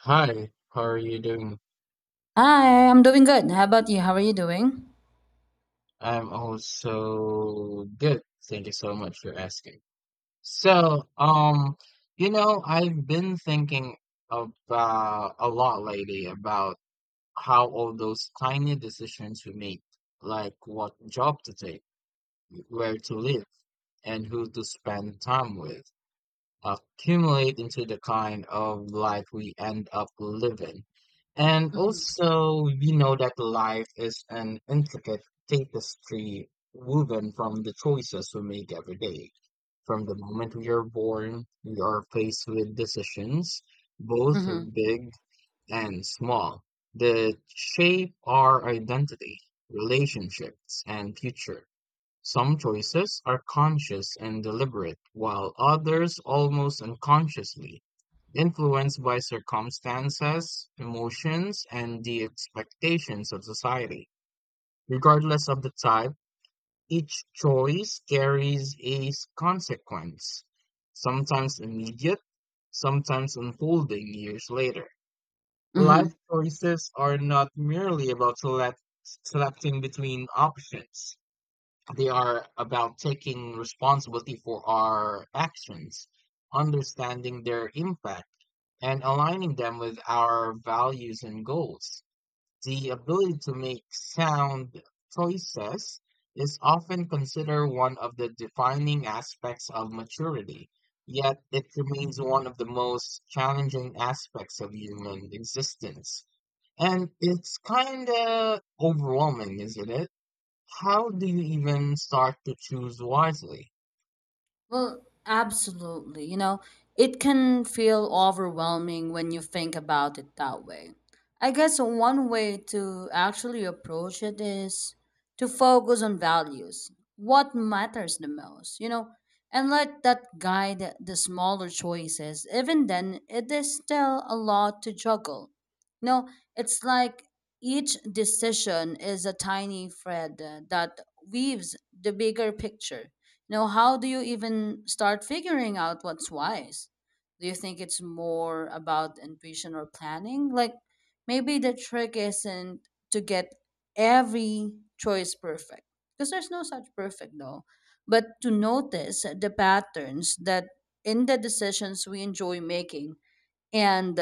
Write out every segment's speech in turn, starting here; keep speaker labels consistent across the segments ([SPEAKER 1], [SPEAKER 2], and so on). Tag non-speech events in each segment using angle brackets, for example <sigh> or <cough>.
[SPEAKER 1] Hi, how are you doing?
[SPEAKER 2] Hi, I'm doing good. How about you? How are you doing?
[SPEAKER 1] I'm also good. Thank you so much for asking. So, um, I've been thinking about a lot lately about how all those tiny decisions we make, like what job to take, where to live, and who to spend time with. Accumulate into the kind of life we end up living. And
[SPEAKER 2] Mm-hmm.
[SPEAKER 1] also, we know that life is an intricate tapestry woven from the choices we make every day. From the moment we are born, we are faced with decisions, both big and small, that shape our identity, relationships, and future. Some choices are conscious and deliberate, while others almost unconsciously, influenced by circumstances, emotions, and the expectations of society. Regardless of the type, each choice carries a consequence, sometimes immediate, sometimes unfolding years later.
[SPEAKER 2] Mm-hmm.
[SPEAKER 1] Life choices are not merely about selecting between options. They are about taking responsibility for our actions, understanding their impact, and aligning them with our values and goals. The ability to make sound choices is often considered one of the defining aspects of maturity, yet it remains one of the most challenging aspects of human existence. And it's kind of overwhelming, isn't it? How do you even start to choose wisely?
[SPEAKER 2] Well, absolutely. You know, it can feel overwhelming when you think about it that way. I guess one way to actually approach it is to focus on values, what matters the most, you know, and let that guide the smaller choices. Even then, it is still a lot to juggle. You know, it's like each decision is a tiny thread that weaves the bigger picture. Now, how do you even start figuring out what's wise? Do you think it's more about intuition or planning? Like, maybe the trick isn't to get every choice perfect, because there's no such perfect though, but to notice the patterns that in the decisions we enjoy making and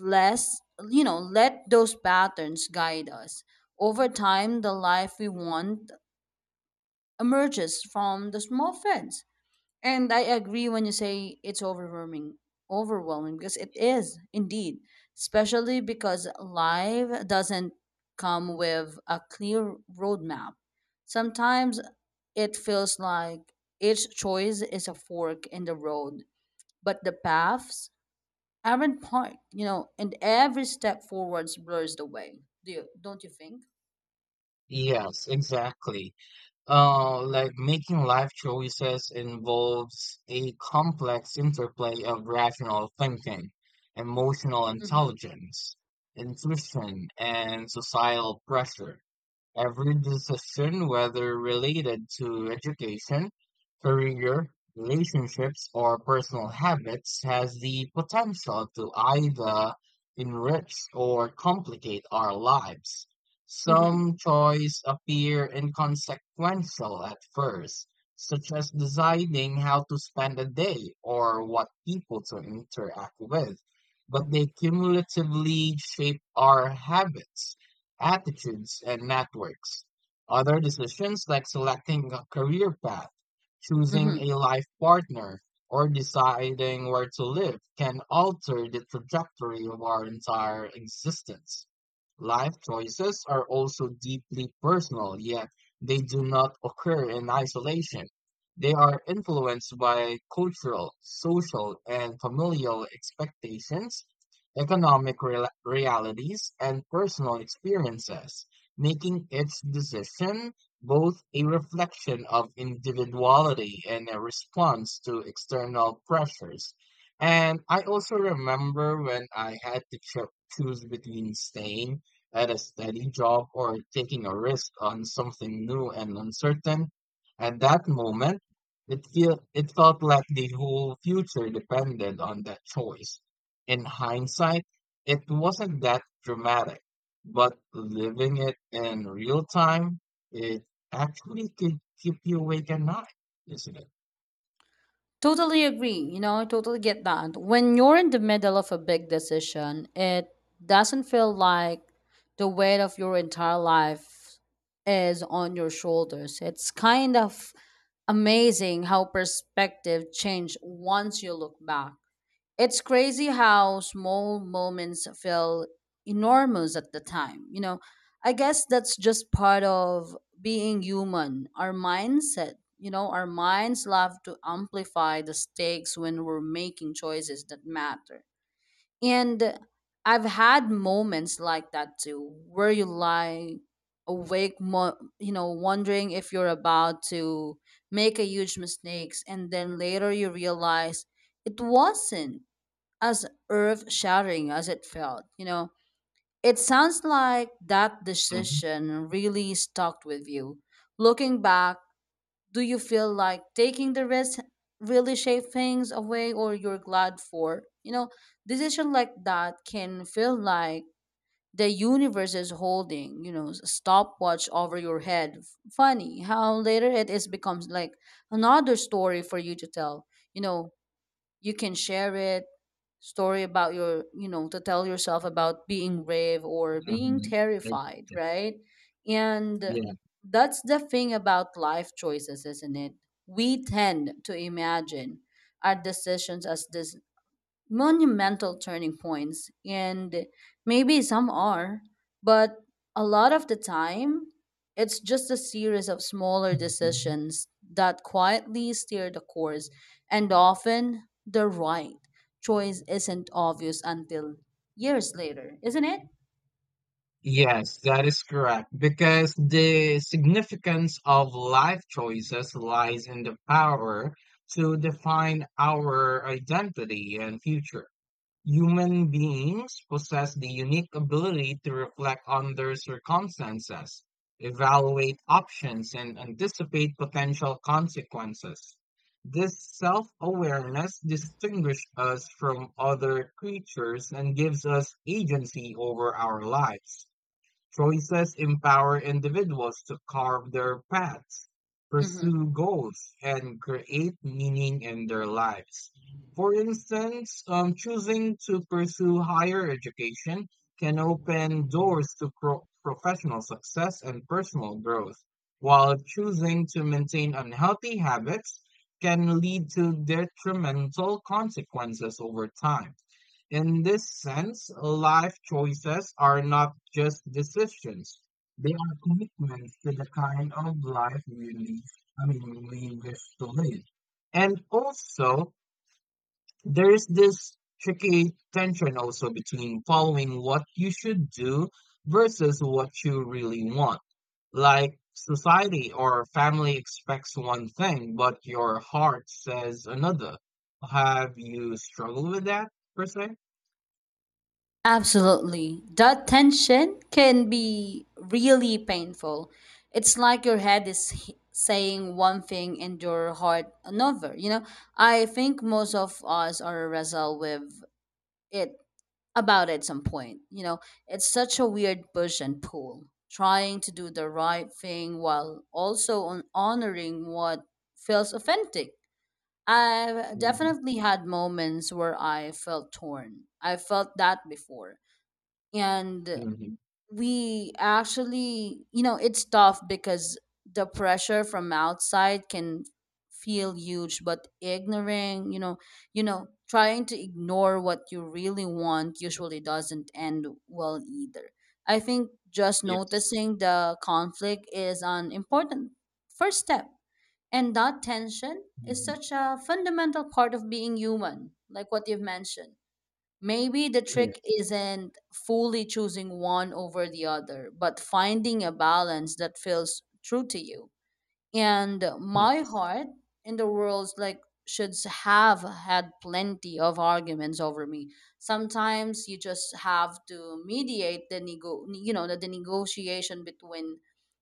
[SPEAKER 2] less, you know, let those patterns guide us. Over time, the life we want emerges from the small threads, and I agree when you say it's overwhelming, overwhelming because it is indeed, especially because life doesn't come with a clear roadmap. Sometimes it feels like each choice is a fork in the road, but the paths aren't part, you know, and every step forwards blurs the way. Do you, don't you think?
[SPEAKER 1] Yes, exactly. Like making life choices involves a complex interplay of rational thinking, emotional
[SPEAKER 2] Mm-hmm.
[SPEAKER 1] intelligence, intuition, and societal pressure. Every decision, whether related to education, career, relationships, or personal habits, has the potential to either enrich or complicate our lives.
[SPEAKER 2] Mm-hmm.
[SPEAKER 1] Some choices appear inconsequential at first, such as deciding how to spend a day or what people to interact with, but they cumulatively shape our habits attitudes, and networks. Other decisions like selecting a career path, choosing
[SPEAKER 2] Mm-hmm.
[SPEAKER 1] a life partner, or deciding where to live can alter the trajectory of our entire existence. Life choices are also deeply personal, yet they do not occur in isolation. They are influenced by cultural, social, and familial expectations economic rela realities, and personal experiences, making its decision both a reflection of individuality and a response to external pressures. And I also remember when I had to choose between staying at a steady job or taking a risk on something new and uncertain. At that moment, it felt like the whole future depended on that choice. In hindsight, it wasn't that dramatic, but living it in real time, it actually could keep you awake at night, isn't it?
[SPEAKER 2] Totally agree. You know, I totally get that. When you're in the middle of a big decision, it doesn't feel like the weight of your entire life is on your shoulders. It's kind of amazing how perspective change once you look back. It's crazy how small moments feel enormous at the time. You know, I guess that's just part of being human, our mindset. You know, our minds love to amplify the stakes when we're making choices that matter. And I've had moments like that too, where you lie awake, you know, wondering if you're about to make a huge mistakes, and then later you realize it wasn't as earth shattering as it felt. You know, it sounds like that
[SPEAKER 1] Mm-hmm,
[SPEAKER 2] decision really stuck with you. Looking back, do you feel like taking the risk really shaped things away or you're glad for? You know, decision like that can feel like the universe is holding, you know, stopwatch over your head. Funny how later it is becomes like another story for you to tell. You know, you can share it story about your you know to tell yourself about being brave or being
[SPEAKER 1] mm-hmm.
[SPEAKER 2] terrified, right? And
[SPEAKER 1] Yeah.
[SPEAKER 2] that's the thing about life choices, isn't it? We tend to imagine our decisions as this monumental turning points, and maybe some are, but a lot of the time it's just a series of smaller
[SPEAKER 1] Mhm.
[SPEAKER 2] decisions that quietly steer the course, and often the right choice isn't obvious until years later, isn't it?
[SPEAKER 1] Yes, that is correct. Because the significance of life choices lies in the power to define our identity and future. Human beings possess the unique ability to reflect on their circumstances, evaluate options, and anticipate potential consequences. This self awareness distinguishes us from other creatures and gives us agency over our lives. Choices empower individuals to carve their paths,
[SPEAKER 2] Mhm.
[SPEAKER 1] pursue goals, and create meaning in their lives. For instance, choosing to pursue higher education can open doors to professional success and personal growth, while choosing to maintain unhealthy habits can lead to detrimental consequences over time. In this sense, life choices are not just decisions. They are commitments to the kind of life we live, I mean, we wish to live. And also, there's this tricky tension also between following what you should do versus what you really want. Like society or family expects one thing, but your heart says another. Have you struggled with that per se?
[SPEAKER 2] Absolutely. That tension can be really painful. It's like your head is saying one thing and your heart another. You know, I think most of us are wrestle with it about at some point. You know, it's such a weird push and pull, trying to do the right thing while also on honoring what feels authentic. I've definitely had moments where I felt torn. I felt that before, and
[SPEAKER 1] Mhm.
[SPEAKER 2] we actually, you know, it's tough because the pressure from outside can feel huge, but ignoring, you know, trying to ignore what you really want usually doesn't end well either. I think just
[SPEAKER 1] Yes.
[SPEAKER 2] noticing the conflict is an important first step, and that tension is
[SPEAKER 1] Mhm.
[SPEAKER 2] such a fundamental part of being human, like what you've mentioned. Maybe the trick
[SPEAKER 1] Yes.
[SPEAKER 2] isn't fully choosing one over the other, but finding a balance that feels true to you and my
[SPEAKER 1] Yes.
[SPEAKER 2] heart in the world, like should have had plenty of arguments over me. Sometimes you just have to mediate the you know the negotiation between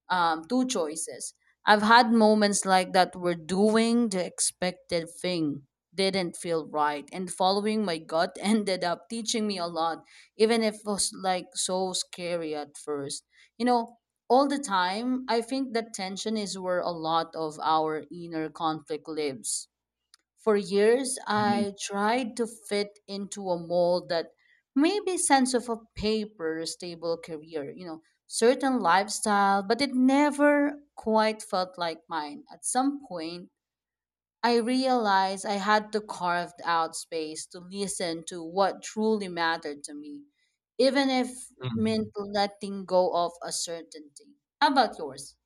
[SPEAKER 2] two choices. I've had moments like that where doing the expected thing didn't feel right, and following my gut <laughs> ended up teaching me a lot, even if it was like so scary at first, you know. All the time, I think that tension is where a lot of our inner conflict lives. For years,
[SPEAKER 1] Mhm.
[SPEAKER 2] I tried to fit into a mold that maybe sense of a paper, stable career, you know, certain lifestyle, but it never quite felt like mine. At some point, I realized I had to carve out space to listen to what truly mattered to me, even if
[SPEAKER 1] Mhm.
[SPEAKER 2] meant letting go of a certainty. How about yours?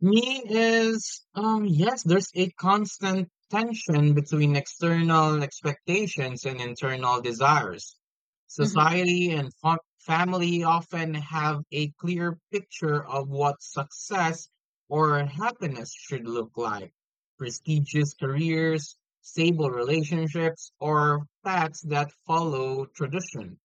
[SPEAKER 1] Me is yes, there's a constant tension between external expectations and internal desires.
[SPEAKER 2] Mm-hmm.
[SPEAKER 1] Society and family often have a clear picture of what success or happiness should look like. Prestigious careers, stable relationships, or paths that follow tradition.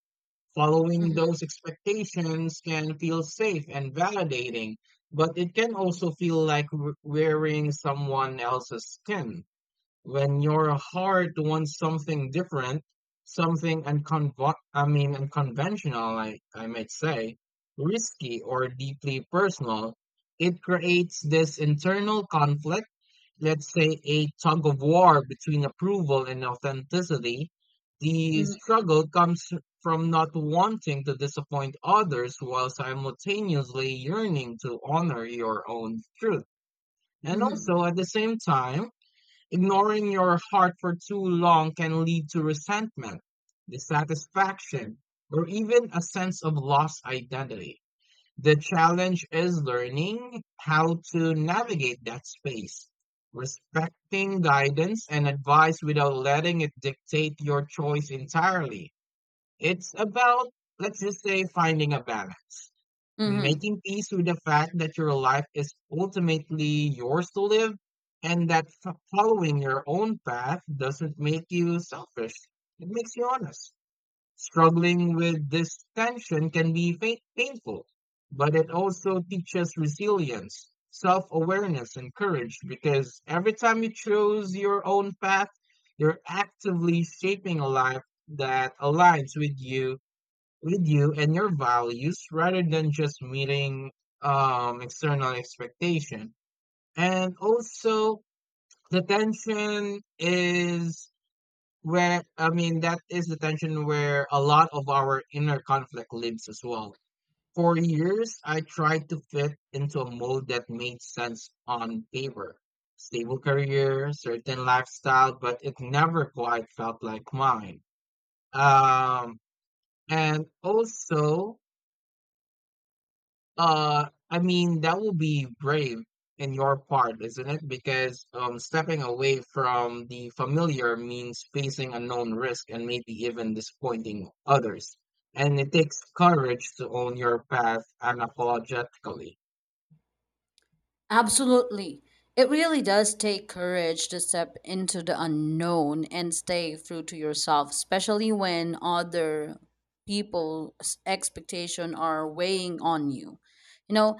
[SPEAKER 1] Following
[SPEAKER 2] Mm-hmm.
[SPEAKER 1] those expectations can feel safe and validating, but it can also feel like wearing someone else's skin. When your heart wants something different, something I mean unconventional, I might say, risky or deeply personal, it creates this internal conflict let's say, a tug of war between approval and authenticity, the
[SPEAKER 2] Mm-hmm.
[SPEAKER 1] struggle comes from not wanting to disappoint others while simultaneously yearning to honor your own truth. And
[SPEAKER 2] Mm-hmm.
[SPEAKER 1] also, at the same time, ignoring your heart for too long can lead to resentment, dissatisfaction, or even a sense of lost identity. The challenge is learning how to navigate that space, respecting guidance and advice without letting it dictate your choice entirely. It's about, let's just say, finding a balance,
[SPEAKER 2] Mm-hmm.
[SPEAKER 1] making peace with the fact that your life is ultimately yours to live, and that following your own path doesn't make you selfish. It makes you honest. Struggling with this tension can be painful, but it also teaches resilience, self awareness, and courage because every time you choose your own path, you're actively shaping a life that aligns with you and your values rather than just meeting external expectation. And also, the tension is where I mean, that is the tension where a lot of our inner conflict lives as well. For years, I tried to fit into a mold that made sense on paper. Stable career, certain lifestyle, but it never quite felt like mine. Um, and also, I mean, that will be brave in your part, isn't it? Because stepping away from the familiar means facing unknown risk and maybe even disappointing others. And it takes courage to own your path unapologetically.
[SPEAKER 2] Absolutely. It really does take courage to step into the unknown and stay true to yourself, especially when other people's expectation are weighing on you. You know,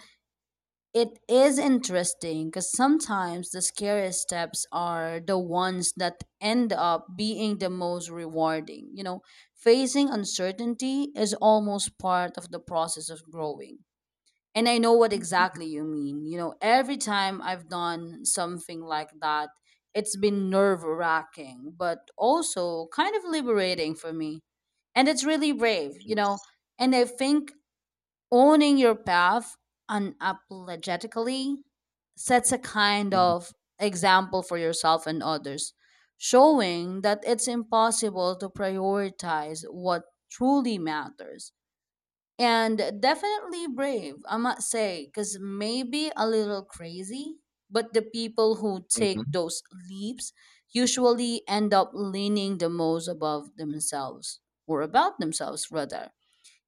[SPEAKER 2] it is interesting because sometimes the scariest steps are the ones that end up being the most rewarding. You know, facing uncertainty is almost part of the process of growing. And I know what exactly you mean. You know, every time I've done something like that, it's been nerve wracking, but also kind of liberating for me. And it's really brave, you know. And I think owning your path unapologetically sets a kind of example for yourself and others, showing that it's impossible to prioritize what truly matters. And definitely brave, I must say, because maybe a little crazy, but the people who take
[SPEAKER 1] Mhm.
[SPEAKER 2] those leaps usually end up leaning the most above themselves, or about themselves, rather.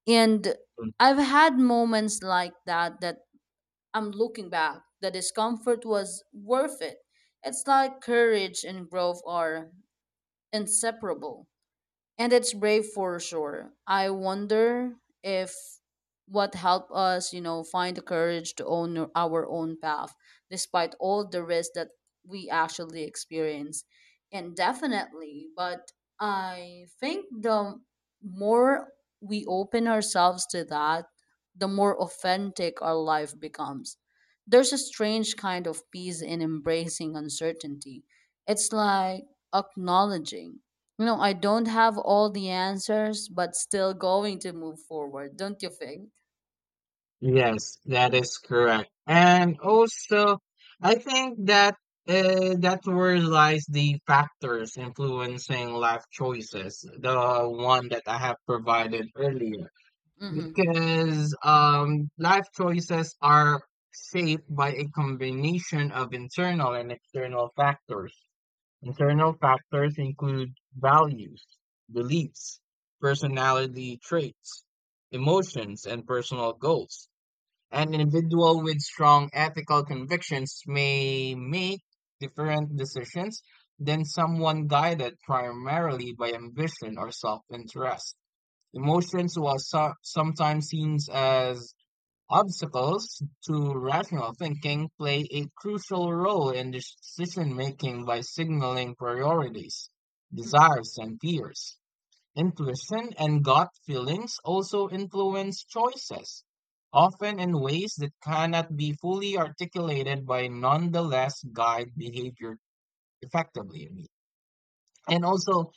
[SPEAKER 2] And I've had moments like that that I'm looking back, the discomfort was worth it. It's like courage and growth are inseparable, and it's brave for sure. I wonder if what helped us, you know, find the courage to own our own path despite all the risks that we actually experience. And definitely, but I think the more we open ourselves to that, the more authentic our life becomes. There's a strange kind of peace in embracing uncertainty. It's like acknowledging, you know, I don't have all the answers, but still going to move forward, don't you think?
[SPEAKER 1] Yes, that is correct. And also, I think that that where lies the factors influencing life choices, the one that I have provided earlier.
[SPEAKER 2] Mm-hmm.
[SPEAKER 1] Because life choices are shaped by a combination of internal and external factors. Internal factors include values, beliefs, personality traits, emotions, and personal goals an individual with strong ethical convictions may make different decisions than someone guided primarily by ambition or self-interest. Emotions while sometimes seen as obstacles to rational thinking play a crucial role in decision making by signaling priorities,
[SPEAKER 2] Mm-hmm.
[SPEAKER 1] desires, and fears. Intuition and gut feelings also influence choices, often in ways that cannot be fully articulated by nonetheless guide behavior effectively. And also,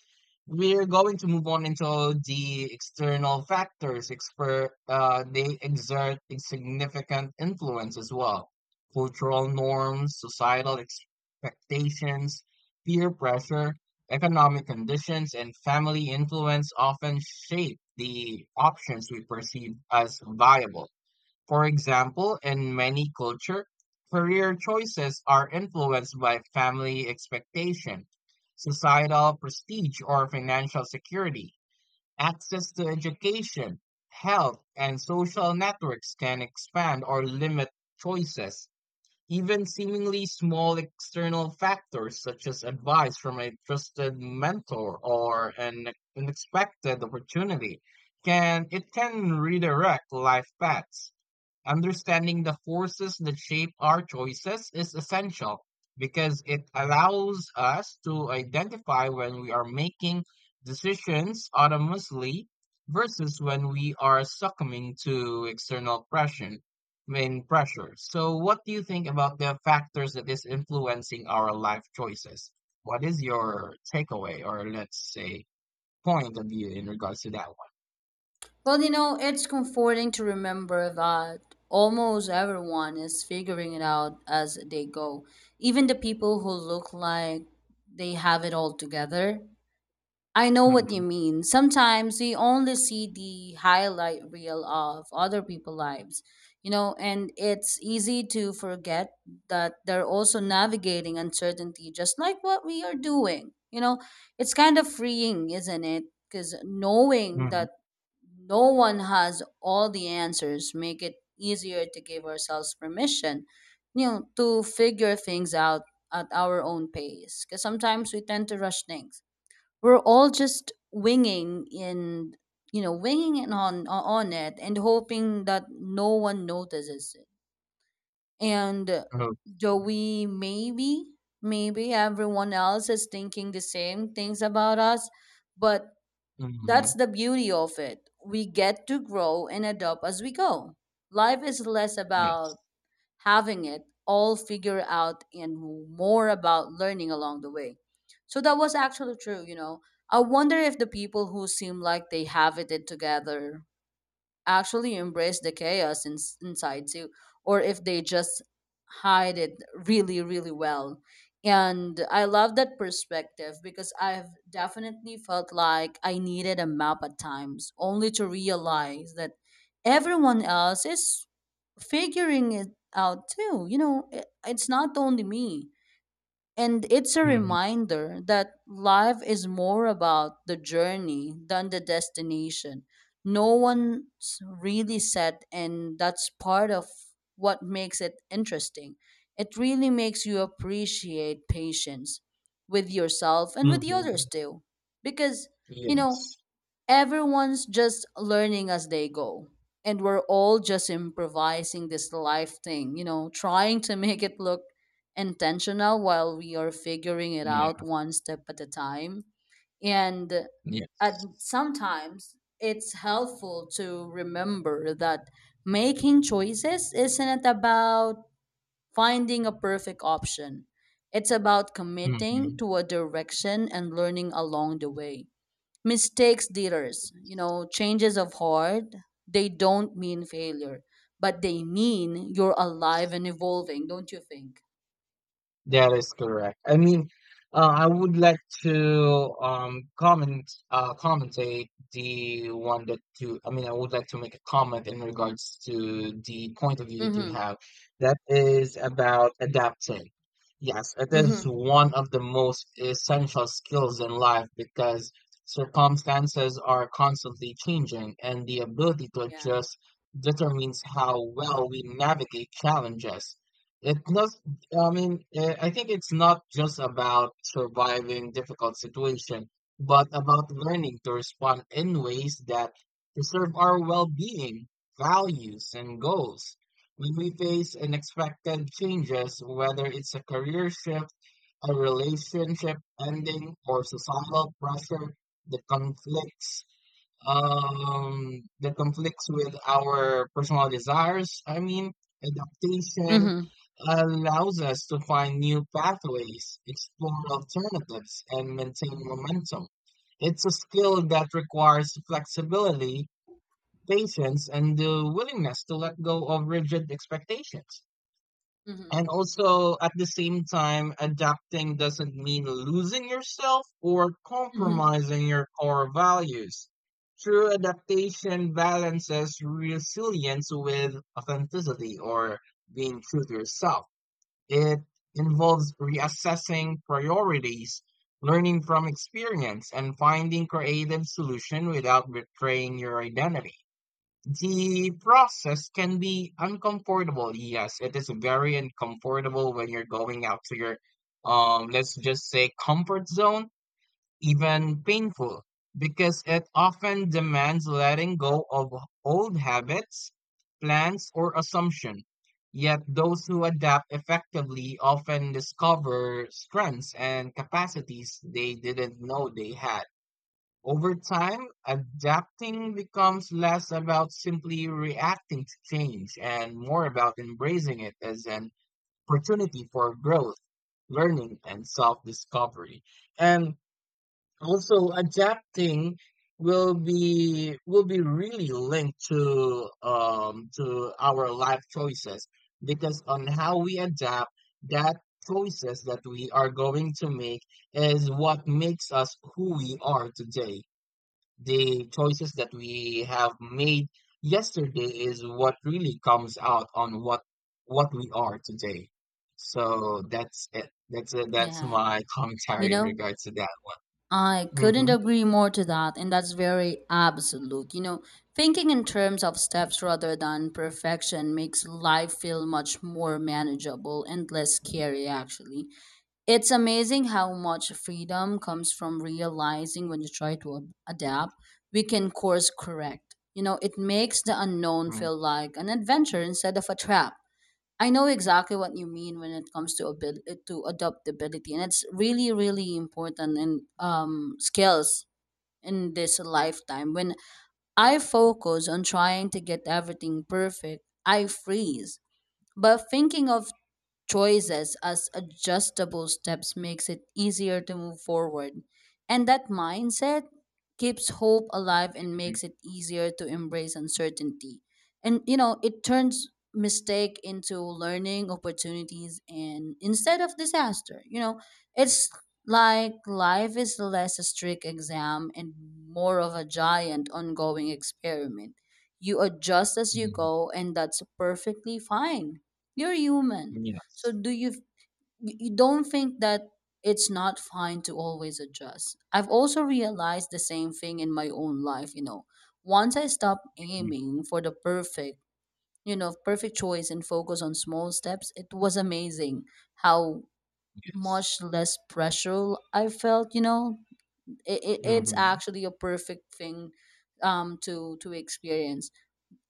[SPEAKER 1] we're going to move on into the external factors. They exert a significant influence as well. Cultural norms, societal expectations, peer pressure, economic conditions, and family influence often shape the options we perceive as viable. For example, in many culture, career choices are influenced by family expectation, societal prestige or financial security. Access to education, health, and social networks can expand or limit choices. Even seemingly small external factors such as advice from a trusted mentor or an unexpected opportunity can redirect life paths. Understanding the forces that shape our choices is essential because it allows us to identify when we are making decisions autonomously versus when we are succumbing to external pressure. Main pressure. So, what do you think about the factors that is influencing our life choices? What is your takeaway, or let's say, point of view in regards to that
[SPEAKER 2] Well, you know, it's comforting to remember that almost everyone is figuring it out as they go. Even the people who look like they have it all together. I know what you
[SPEAKER 1] one?
[SPEAKER 2] mean. Sometimes we only see the highlight reel of other people's lives, you know, and it's easy to forget that they're also navigating uncertainty just like what we are doing. You know, it's kind of freeing, isn't it? Because knowing
[SPEAKER 1] Mm-hmm.
[SPEAKER 2] that no one has all the answers make it easier to give ourselves permission, you know, to figure things out at our own pace. Because sometimes we tend to rush things, we're all just winging in, you know, winging it on it and hoping that no one notices it, and though we maybe, everyone else is thinking the same things about us, but that's
[SPEAKER 1] Mm-hmm.
[SPEAKER 2] the beauty of it. We get to grow and adapt as we go. Life is less
[SPEAKER 1] Yes.
[SPEAKER 2] about having it all figured out and more about learning along the way. So that was actually true, you know. I wonder if the people who seem like they have it together actually embrace the chaos in, inside too, or if they just hide it really, really well. And I love that perspective because I've definitely felt like I needed a map at times, only to realize that everyone else is figuring it out too. You know, it's not only me. And it's a reminder that life is more about the journey than the destination. No one's really set, and that's part of what makes it interesting. It really makes you appreciate patience with yourself and with the others
[SPEAKER 1] Mhm.
[SPEAKER 2] too. Because, you know,
[SPEAKER 1] Yes.
[SPEAKER 2] everyone's just learning as they go, and we're all just improvising this life thing, you know, trying to make it look intentional while we are figuring it
[SPEAKER 1] Yeah.
[SPEAKER 2] out one step at a time. And at
[SPEAKER 1] Yes.
[SPEAKER 2] sometimes it's helpful to remember that making choices isn't about finding a perfect option. It's about committing
[SPEAKER 1] Mhm.
[SPEAKER 2] to a direction and learning along the way. Mistakes dealers, you know, changes of heart, they don't mean failure, but they mean you're alive and evolving, don't you think?
[SPEAKER 1] That is correct. I mean, I would like to comment commentate the one that you. I mean, I would like to make a comment in regards to the point of view that you
[SPEAKER 2] Mm-hmm.
[SPEAKER 1] have. That is about adapting. Yes, it is
[SPEAKER 2] Mm-hmm.
[SPEAKER 1] one of the most essential skills in life because circumstances are constantly changing, and the ability to
[SPEAKER 2] Yeah.
[SPEAKER 1] adjust determines how well we navigate challenges. It not yeah, I mean, I think it's not just about surviving difficult situation, but about learning to respond in ways that preserve our well-being, values, and goals. When we face unexpected changes, whether it's a career shift, a relationship ending, or societal pressure that conflicts with our personal desires. I mean, adaptation
[SPEAKER 2] Mm-hmm.
[SPEAKER 1] allows us to find new pathways, explore alternatives, and maintain momentum. It's a skill that requires flexibility, patience, and the willingness to let go of rigid expectations.
[SPEAKER 2] Mm-hmm.
[SPEAKER 1] And also, at the same time, adapting doesn't mean losing yourself or
[SPEAKER 2] Mm-hmm.
[SPEAKER 1] compromising your core values. True adaptation balances resilience with authenticity or being true to yourself. It involves reassessing priorities, learning from experience, and finding creative solution without betraying your identity. The process can be uncomfortable. Yes, it is very uncomfortable when you're going out to your, let's just say comfort zone, even painful, because it often demands letting go of old habits, plans, or assumption. Yet those who adapt effectively often discover strengths and capacities they didn't know they had. Over time, adapting becomes less about simply reacting to change and more about embracing it as an opportunity for growth, learning, and self discovery. And also, adapting will be really linked to our life choices because on how we adapt that choices that we are going to make is what makes us who we are today the choices that we have made yesterday is what really comes out on what we are today. So that's it. That's it. That's
[SPEAKER 2] Yeah.
[SPEAKER 1] my <laughs>
[SPEAKER 2] You
[SPEAKER 1] commentary in
[SPEAKER 2] know,
[SPEAKER 1] regards to that
[SPEAKER 2] I
[SPEAKER 1] one.
[SPEAKER 2] couldn't
[SPEAKER 1] Hmm.
[SPEAKER 2] agree more to that, and that's very absolute, you know. Thinking in terms of steps rather than perfection makes life feel much more manageable and less scary actually. It's amazing how much freedom comes from realizing when you try to adapt, we can course correct. You know, it makes the unknown
[SPEAKER 1] Hmm.
[SPEAKER 2] feel like an adventure instead of a trap. I know exactly what you mean when it comes to to adaptability, and it's really, really important in skills in this lifetime. When I focus on trying to get everything perfect, I freeze. But thinking of choices as adjustable steps makes it easier to move forward. And that mindset keeps hope alive and makes it easier to embrace uncertainty. And you know, it turns mistake into learning opportunities and instead of disaster. You know, it's like life is less a strict exam and more of a giant ongoing experiment. You adjust as you
[SPEAKER 1] Hmm.
[SPEAKER 2] go and that's perfectly fine. You're human. So
[SPEAKER 1] Yes.
[SPEAKER 2] do you don't think that it's not fine to always adjust? I've also realized the same thing in my own life, Once I stopped aiming for the perfect, perfect choice and focus on small steps, it was amazing how
[SPEAKER 1] Yes.
[SPEAKER 2] much less pressure I felt. It's
[SPEAKER 1] Hmm.
[SPEAKER 2] actually a perfect thing to experience,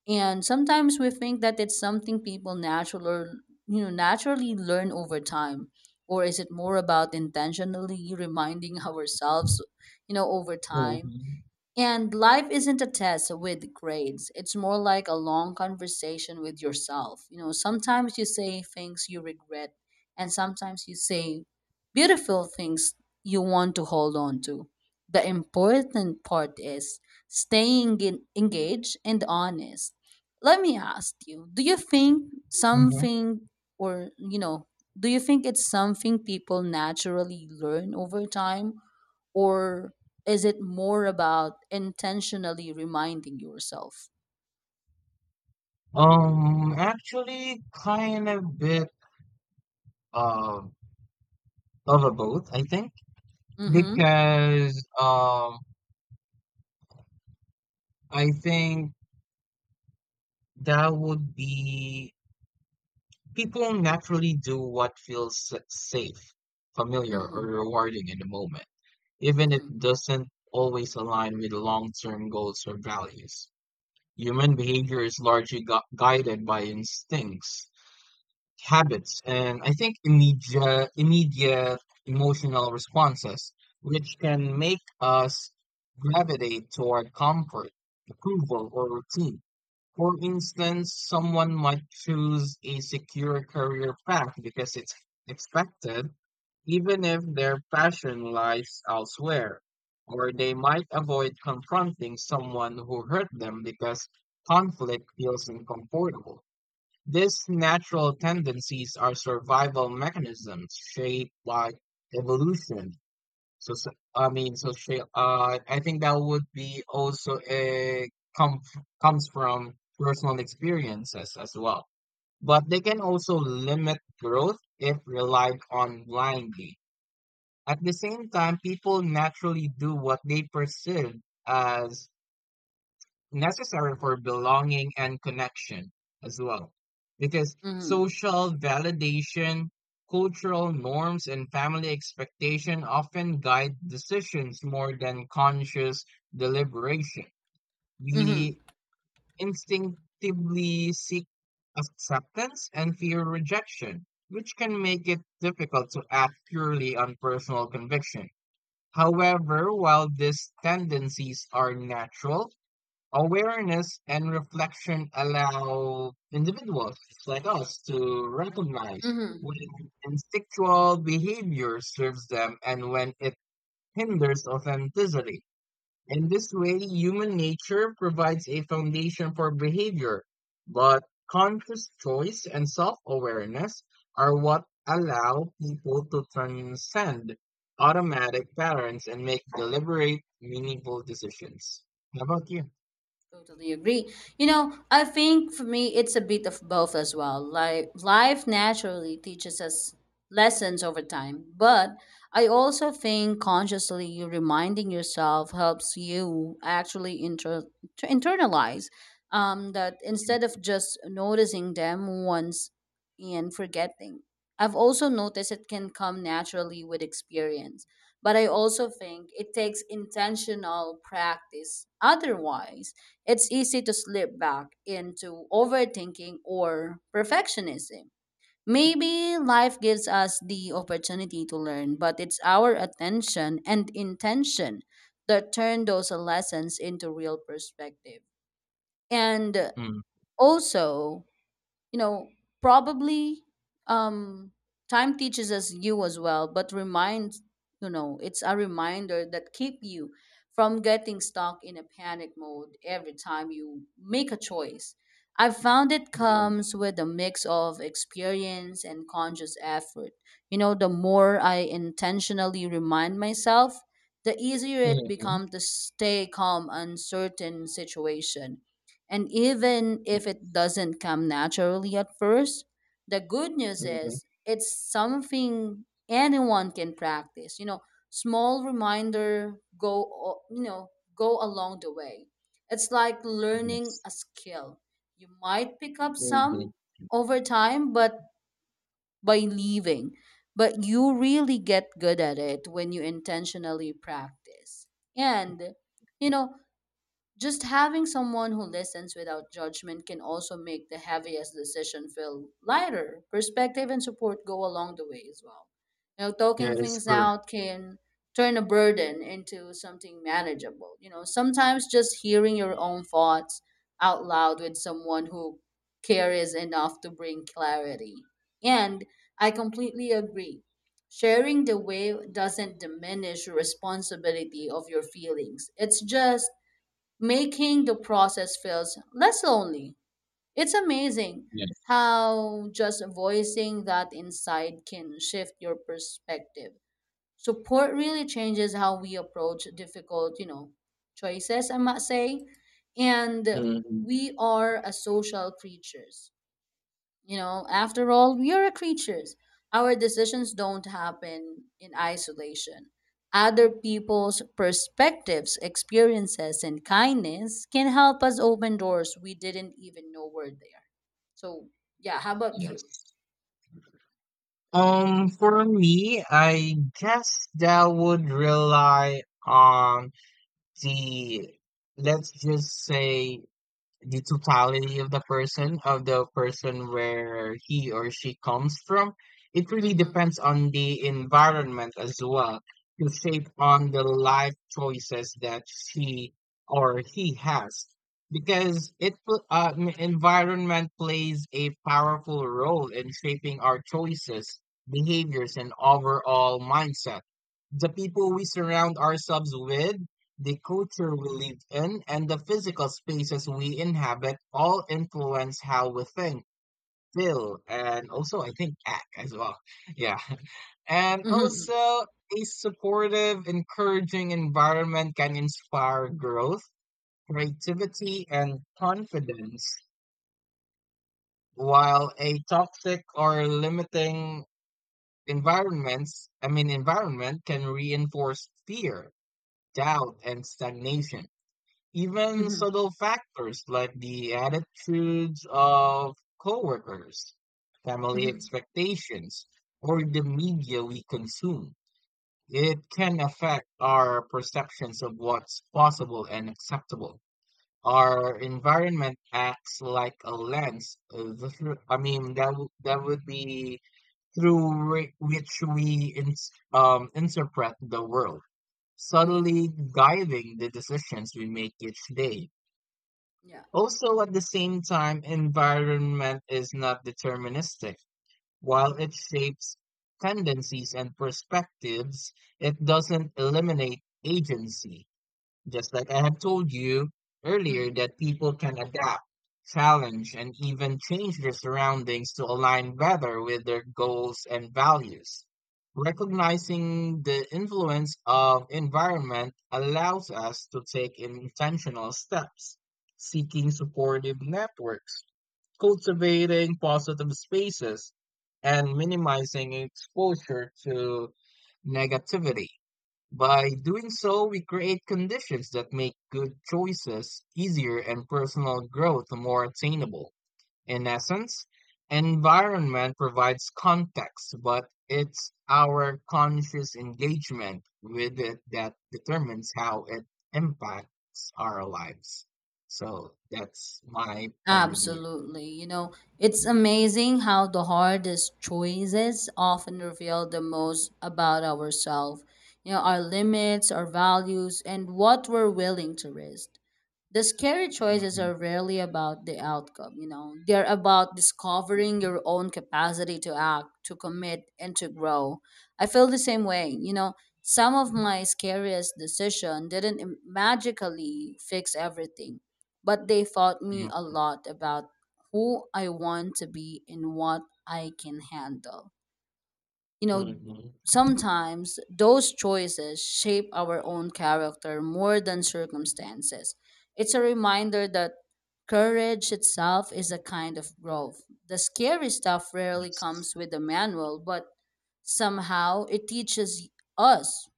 [SPEAKER 2] and sometimes we think that it's something people natural, naturally learn over time, or is it more about intentionally reminding <laughs> ourselves, over time.
[SPEAKER 1] Hmm.
[SPEAKER 2] And life isn't a test with grades. It's more like a long conversation with yourself. You know, sometimes you say things you regret, and sometimes you say beautiful things you want to hold on to. The important part is staying in, engaged and honest. Let me ask you, do you think
[SPEAKER 1] Hmm.
[SPEAKER 2] something, or, do you think it's something people naturally learn over time? Or is it more about intentionally reminding yourself?
[SPEAKER 1] Actually, kind of bit of of a both, I think,
[SPEAKER 2] Mm-hmm.
[SPEAKER 1] because I think that would be people naturally do what feels safe, familiar, or
[SPEAKER 2] Mm-hmm.
[SPEAKER 1] rewarding in the moment, even if
[SPEAKER 2] Mm-hmm.
[SPEAKER 1] it doesn't always align with long term goals or values. Human behavior is largely guided by instincts, habits, and I think immediate emotional responses, which can make us gravitate toward comfort, approval, or routine. For instance, someone might choose a secure career path because it's expected, even if their passion lies elsewhere. Or they might avoid confronting someone who hurt them because conflict feels uncomfortable. These natural tendencies are survival mechanisms shaped by evolution, I think that would be also a come comes from personal experiences as well. But they can
[SPEAKER 2] Mm-hmm.
[SPEAKER 1] also limit growth if relied on blindly. At the same time, people naturally do what they perceive as necessary for belonging and connection as well, because
[SPEAKER 2] Mm-hmm.
[SPEAKER 1] social validation, cultural norms, and family expectation often guide decisions more than conscious deliberation.
[SPEAKER 2] Mm-hmm.
[SPEAKER 1] We instinctively seek acceptance and fear rejection, which can make it difficult to act purely on personal conviction. However, while these tendencies are natural, awareness and reflection allow individuals like us to recognize
[SPEAKER 2] Mm-hmm.
[SPEAKER 1] when instinctual behavior serves them and when it hinders authenticity. In this way, human nature provides a foundation for behavior, but conscious choice and self awareness are what allow people to transcend automatic patterns and make deliberate, meaningful decisions. How about you?
[SPEAKER 2] Totally agree. You know, I think for me, it's a bit of both as well. Like life naturally teaches us lessons over time, but I also think consciously reminding yourself helps you actually to internalize, that instead of just noticing them once and forgetting. I've also noticed it can come naturally with experience, but I also think it takes intentional practice. Otherwise, it's easy to slip back into overthinking or perfectionism. Maybe life gives us the opportunity to learn, but it's our attention and intention that turn those lessons into real perspective. And
[SPEAKER 1] Mm.
[SPEAKER 2] also, you know probably um time teaches us you as well, but reminds, it's a reminder that keep you from getting stuck in a panic mode every time you make a choice. I've found it
[SPEAKER 1] Yeah.
[SPEAKER 2] comes with a mix of experience and conscious effort. You know, the more I intentionally remind myself, the easier it
[SPEAKER 1] Mhm.
[SPEAKER 2] becomes to stay calm uncertain situation. And even
[SPEAKER 1] Yeah.
[SPEAKER 2] if it doesn't come naturally at first, the good news
[SPEAKER 1] Mhm.
[SPEAKER 2] is it's something anyone can practice. You know, small reminder go along the way. It's like learning
[SPEAKER 1] Yes.
[SPEAKER 2] a skill. You might pick up some
[SPEAKER 1] Mhm.
[SPEAKER 2] over time, but by leaving. But you really get good at it when you intentionally practice. And you know, just having someone who listens without judgment can also make the heaviest decision feel lighter. Perspective and support go along the way as well. You know, talking
[SPEAKER 1] That is
[SPEAKER 2] things
[SPEAKER 1] correct.
[SPEAKER 2] out can turn a burden into something manageable. You know, sometimes just hearing your own thoughts out loud with someone who cares enough to bring clarity. And I completely agree. Sharing the way doesn't diminish your responsibility of your feelings. It's just making the process feels less lonely. It's amazing
[SPEAKER 1] Yes.
[SPEAKER 2] how just voicing that insight can shift your perspective. Support really changes how we approach difficult, choices, I must say. And
[SPEAKER 1] Mhm.
[SPEAKER 2] we are a social creatures. You know, after all, we are creatures. Our decisions don't happen in isolation. Other people's perspectives, experiences, and kindness can help us open doors we didn't even know were there. So, yeah, how about you?
[SPEAKER 1] Yes. For me, I guess that would rely on the, let's just say, the totality of the person where he or she comes from. It really
[SPEAKER 2] Mm-hmm.
[SPEAKER 1] depends on the environment as well to shape on the life choices that she or he has, because environment plays a powerful role in shaping our choices, behaviors and overall mindset. The people we surround ourselves with, the culture we live in and the physical spaces we inhabit all influence how we think, feel, and also I think act as well. <laughs> Yeah. And also,
[SPEAKER 2] Mm-hmm.
[SPEAKER 1] a supportive, encouraging environment can inspire growth, creativity, and confidence, while a toxic or limiting environments, I mean environment can reinforce fear, doubt, and stagnation. Even
[SPEAKER 2] Mm-hmm.
[SPEAKER 1] subtle factors like the attitudes of coworkers, family
[SPEAKER 2] Mm-hmm.
[SPEAKER 1] expectations, or the media we consume, it can affect our perceptions of what's possible and acceptable. Our environment acts like a lens, the thro- I mean, that that would be through which we ins interpret the world,
[SPEAKER 2] Mm-hmm.
[SPEAKER 1] subtly guiding the decisions we make each day.
[SPEAKER 2] Yeah.
[SPEAKER 1] Also, at the same time, environment is not deterministic. While it shapes tendencies and perspectives, it doesn't eliminate agency. Just like I have told you earlier,
[SPEAKER 2] Mm-hmm.
[SPEAKER 1] that people can adapt, challenge, and even change their surroundings to align better with their goals and values. Recognizing the influence of environment allows us to take intentional steps, seeking supportive networks, cultivating positive spaces, and minimizing exposure to negativity. By doing so, we create conditions that make good choices easier and personal growth more attainable. In essence, environment provides context, but it's our conscious engagement with it that determines how it impacts our lives. So that's my point of view.
[SPEAKER 2] Absolutely. You know, it's amazing how the hardest choices often reveal the most about ourselves, our limits, our values, and what we're willing to risk. The scary choices
[SPEAKER 1] Mm-hmm.
[SPEAKER 2] are rarely about the outcome, they're about discovering your own capacity to act, to commit, and to grow. I feel the same way, Some of my scariest decision didn't magically fix everything, but they taught me a lot about who I want to be and what I can handle. You know,
[SPEAKER 1] Hmm.
[SPEAKER 2] sometimes those choices shape our own character more than circumstances. It's a reminder that courage itself is a kind of growth. The scary stuff rarely comes
[SPEAKER 1] Yes.
[SPEAKER 2] with a manual, but somehow it teaches us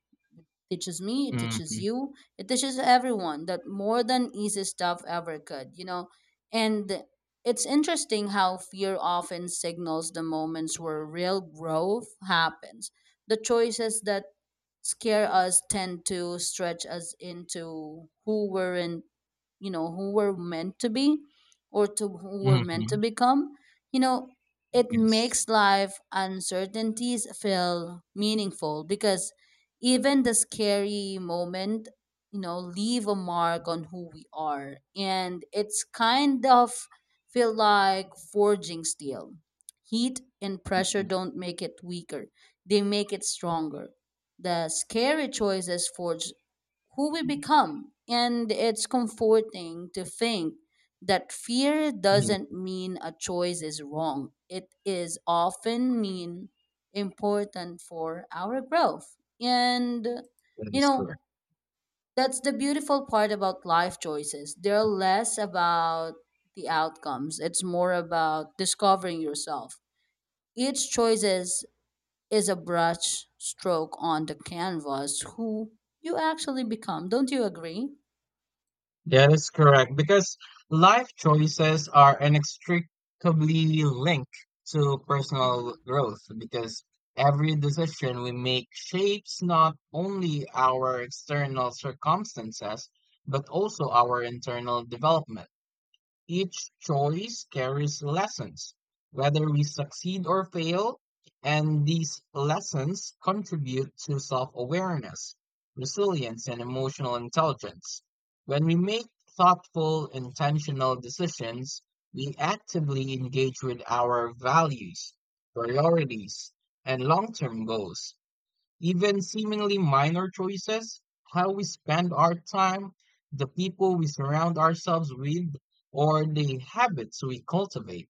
[SPEAKER 2] teaches me, it teaches
[SPEAKER 1] Hmm.
[SPEAKER 2] you, it teaches everyone that more than easy stuff ever could, And it's interesting how fear often signals the moments where real growth happens. The choices that scare us tend to stretch us into who weren't, who we're meant to be, or to who we're meant
[SPEAKER 1] Hmm.
[SPEAKER 2] to become. You know, it
[SPEAKER 1] Yes.
[SPEAKER 2] makes life uncertainties feel meaningful, because even the scary moment, leave a mark on who we are, and it's kind of feel like forging steel. Heat and pressure
[SPEAKER 1] Mm-hmm.
[SPEAKER 2] don't make it weaker, they make it stronger. The scary choices forge who we become. And it's comforting to think that fear doesn't
[SPEAKER 1] Mm-hmm.
[SPEAKER 2] mean a choice is wrong. It is often mean important for our growth. And
[SPEAKER 1] That
[SPEAKER 2] you
[SPEAKER 1] is correct.
[SPEAKER 2] know, that's the beautiful part about life choices. They're less about the outcomes. It's more about discovering yourself. Each is a brush stroke on the canvas who you actually become. Don't you agree?
[SPEAKER 1] That is correct, because life choices are inextricably linked to personal
[SPEAKER 2] Mhm.
[SPEAKER 1] growth, because every decision we make shapes not only our external circumstances but also our internal development. Each choice carries lessons, whether we succeed or fail, and these lessons contribute to self awareness, resilience, and emotional intelligence. When we make thoughtful, intentional decisions, we actively engage with our values, priorities, and long term goals. Even seemingly minor choices, how we spend our time, the people we surround ourselves with, or the habits we cultivate,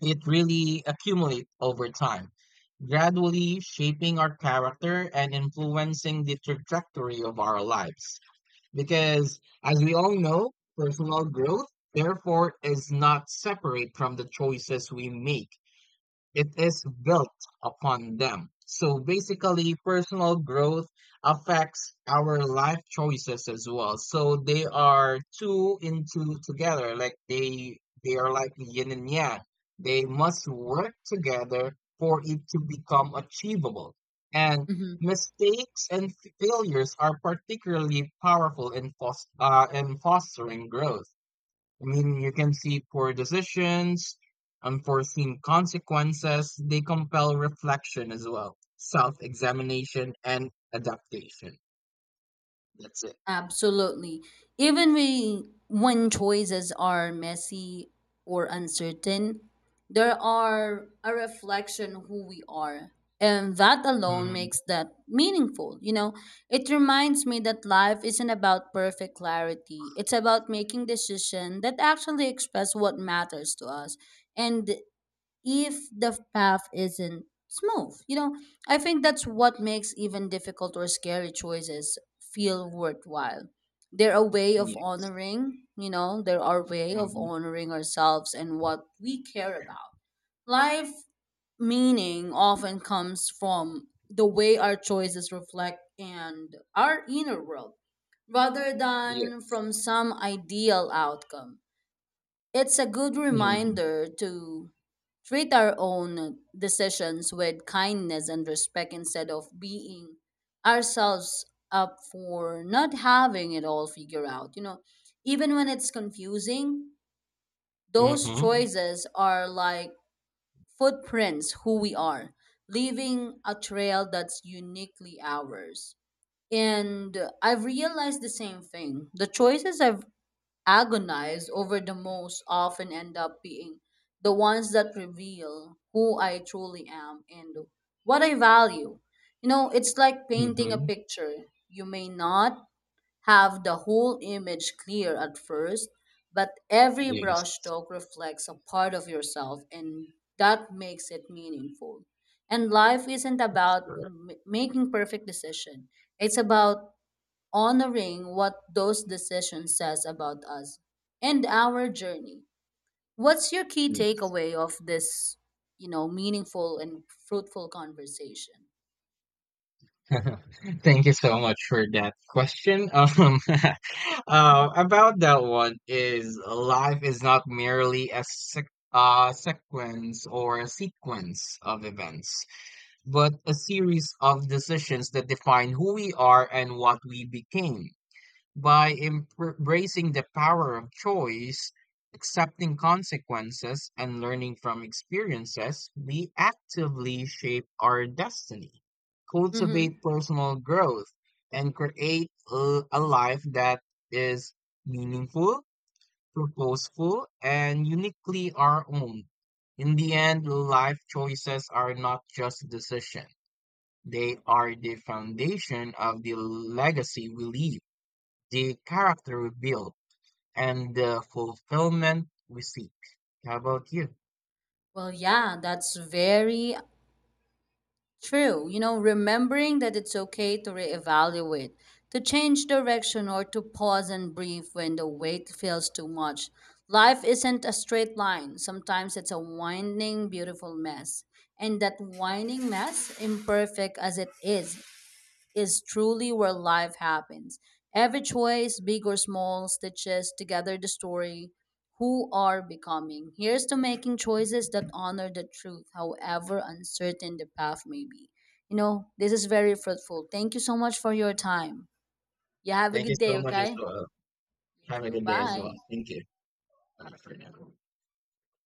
[SPEAKER 1] it really accumulates over time, gradually shaping our character and influencing the trajectory of our lives. Because, as we all know, personal growth, therefore, is not separate from the choices we make. It is built upon them. So basically, personal growth affects our life choices as well. So they are two into together, like they are like yin and yang. They must work together for it to become achievable. And
[SPEAKER 2] Mhm.
[SPEAKER 1] mistakes and failures are particularly powerful in, in fostering growth. I mean, you can see poor decisions, unforeseen consequences. They compel reflection as well, self examination, and adaptation. That's it.
[SPEAKER 2] Absolutely. Even we, when choices are messy or uncertain, they are a reflection who we are. And that alone
[SPEAKER 1] Mm-hmm.
[SPEAKER 2] makes that meaningful. You know, it reminds me that life isn't about perfect clarity. It's about making decisions that actually express what matters to us. And if the path isn't smooth. You know, I think that's what makes even difficult or scary choices feel worthwhile. They're a way
[SPEAKER 1] Yeah.
[SPEAKER 2] of honoring, they're our way of
[SPEAKER 1] Hmm.
[SPEAKER 2] honoring ourselves and what we care about. Life meaning often comes from the way our choices reflect and our inner world, rather than
[SPEAKER 1] Yes.
[SPEAKER 2] from some ideal outcome. It's a good
[SPEAKER 1] Mm-hmm.
[SPEAKER 2] reminder to treat our own decisions with kindness and respect, instead of beating ourselves up for not having it all figured out. You know, even when it's confusing, those
[SPEAKER 1] Mm-hmm.
[SPEAKER 2] choices are like footprints who we are, leaving a trail that's uniquely ours. And I've realized the same thing. The choices I've agonize over the most often end up being the ones that reveal who I truly am and what I value. You know, it's like painting a
[SPEAKER 1] Mm-hmm.
[SPEAKER 2] picture. You may not have the whole image clear at first, but every
[SPEAKER 1] Yes.
[SPEAKER 2] brushstroke reflects a part of yourself, and that makes it meaningful. And life isn't
[SPEAKER 1] That's
[SPEAKER 2] about
[SPEAKER 1] correct.
[SPEAKER 2] making perfect decision. It's about honoring what those decisions says about us and our journey. What's your key takeaway of this, meaningful and fruitful conversation?
[SPEAKER 1] <laughs> Thank you so much for that question. <laughs> <laughs>
[SPEAKER 2] <laughs>
[SPEAKER 1] About that one is life is not merely a sequence or a sequence of events, but a series of decisions that define who we are and what we became. By embracing the power of choice, accepting consequences, and learning from experiences, we actively shape our destiny, cultivate
[SPEAKER 2] Mm-hmm.
[SPEAKER 1] personal growth, and create a life that is meaningful, purposeful, and uniquely our own. In the end, life choices are not just decisions. They
[SPEAKER 2] Correct.
[SPEAKER 1] are the foundation of the legacy we leave, the character we build and the fulfillment we seek. How about you?
[SPEAKER 2] Well, yeah, that's very true, you know, remembering that it's okay to reevaluate, to change direction, or to pause and breathe when the weight feels too much. Life isn't a straight line. Sometimes it's a winding, beautiful mess. And that winding mess, imperfect as it is truly where life happens. Every choice, big or small, stitches together the story who are becoming. Here's to making choices that honor the truth, however uncertain the path may be. You know, this is very fruitful. Thank you so much for your time. You have a
[SPEAKER 1] Thank you
[SPEAKER 2] good day,
[SPEAKER 1] so much as
[SPEAKER 2] okay?
[SPEAKER 1] well.
[SPEAKER 2] You
[SPEAKER 1] Have a
[SPEAKER 2] too.
[SPEAKER 1] good day as well.
[SPEAKER 2] Bye.
[SPEAKER 1] Thank you. Bye for now.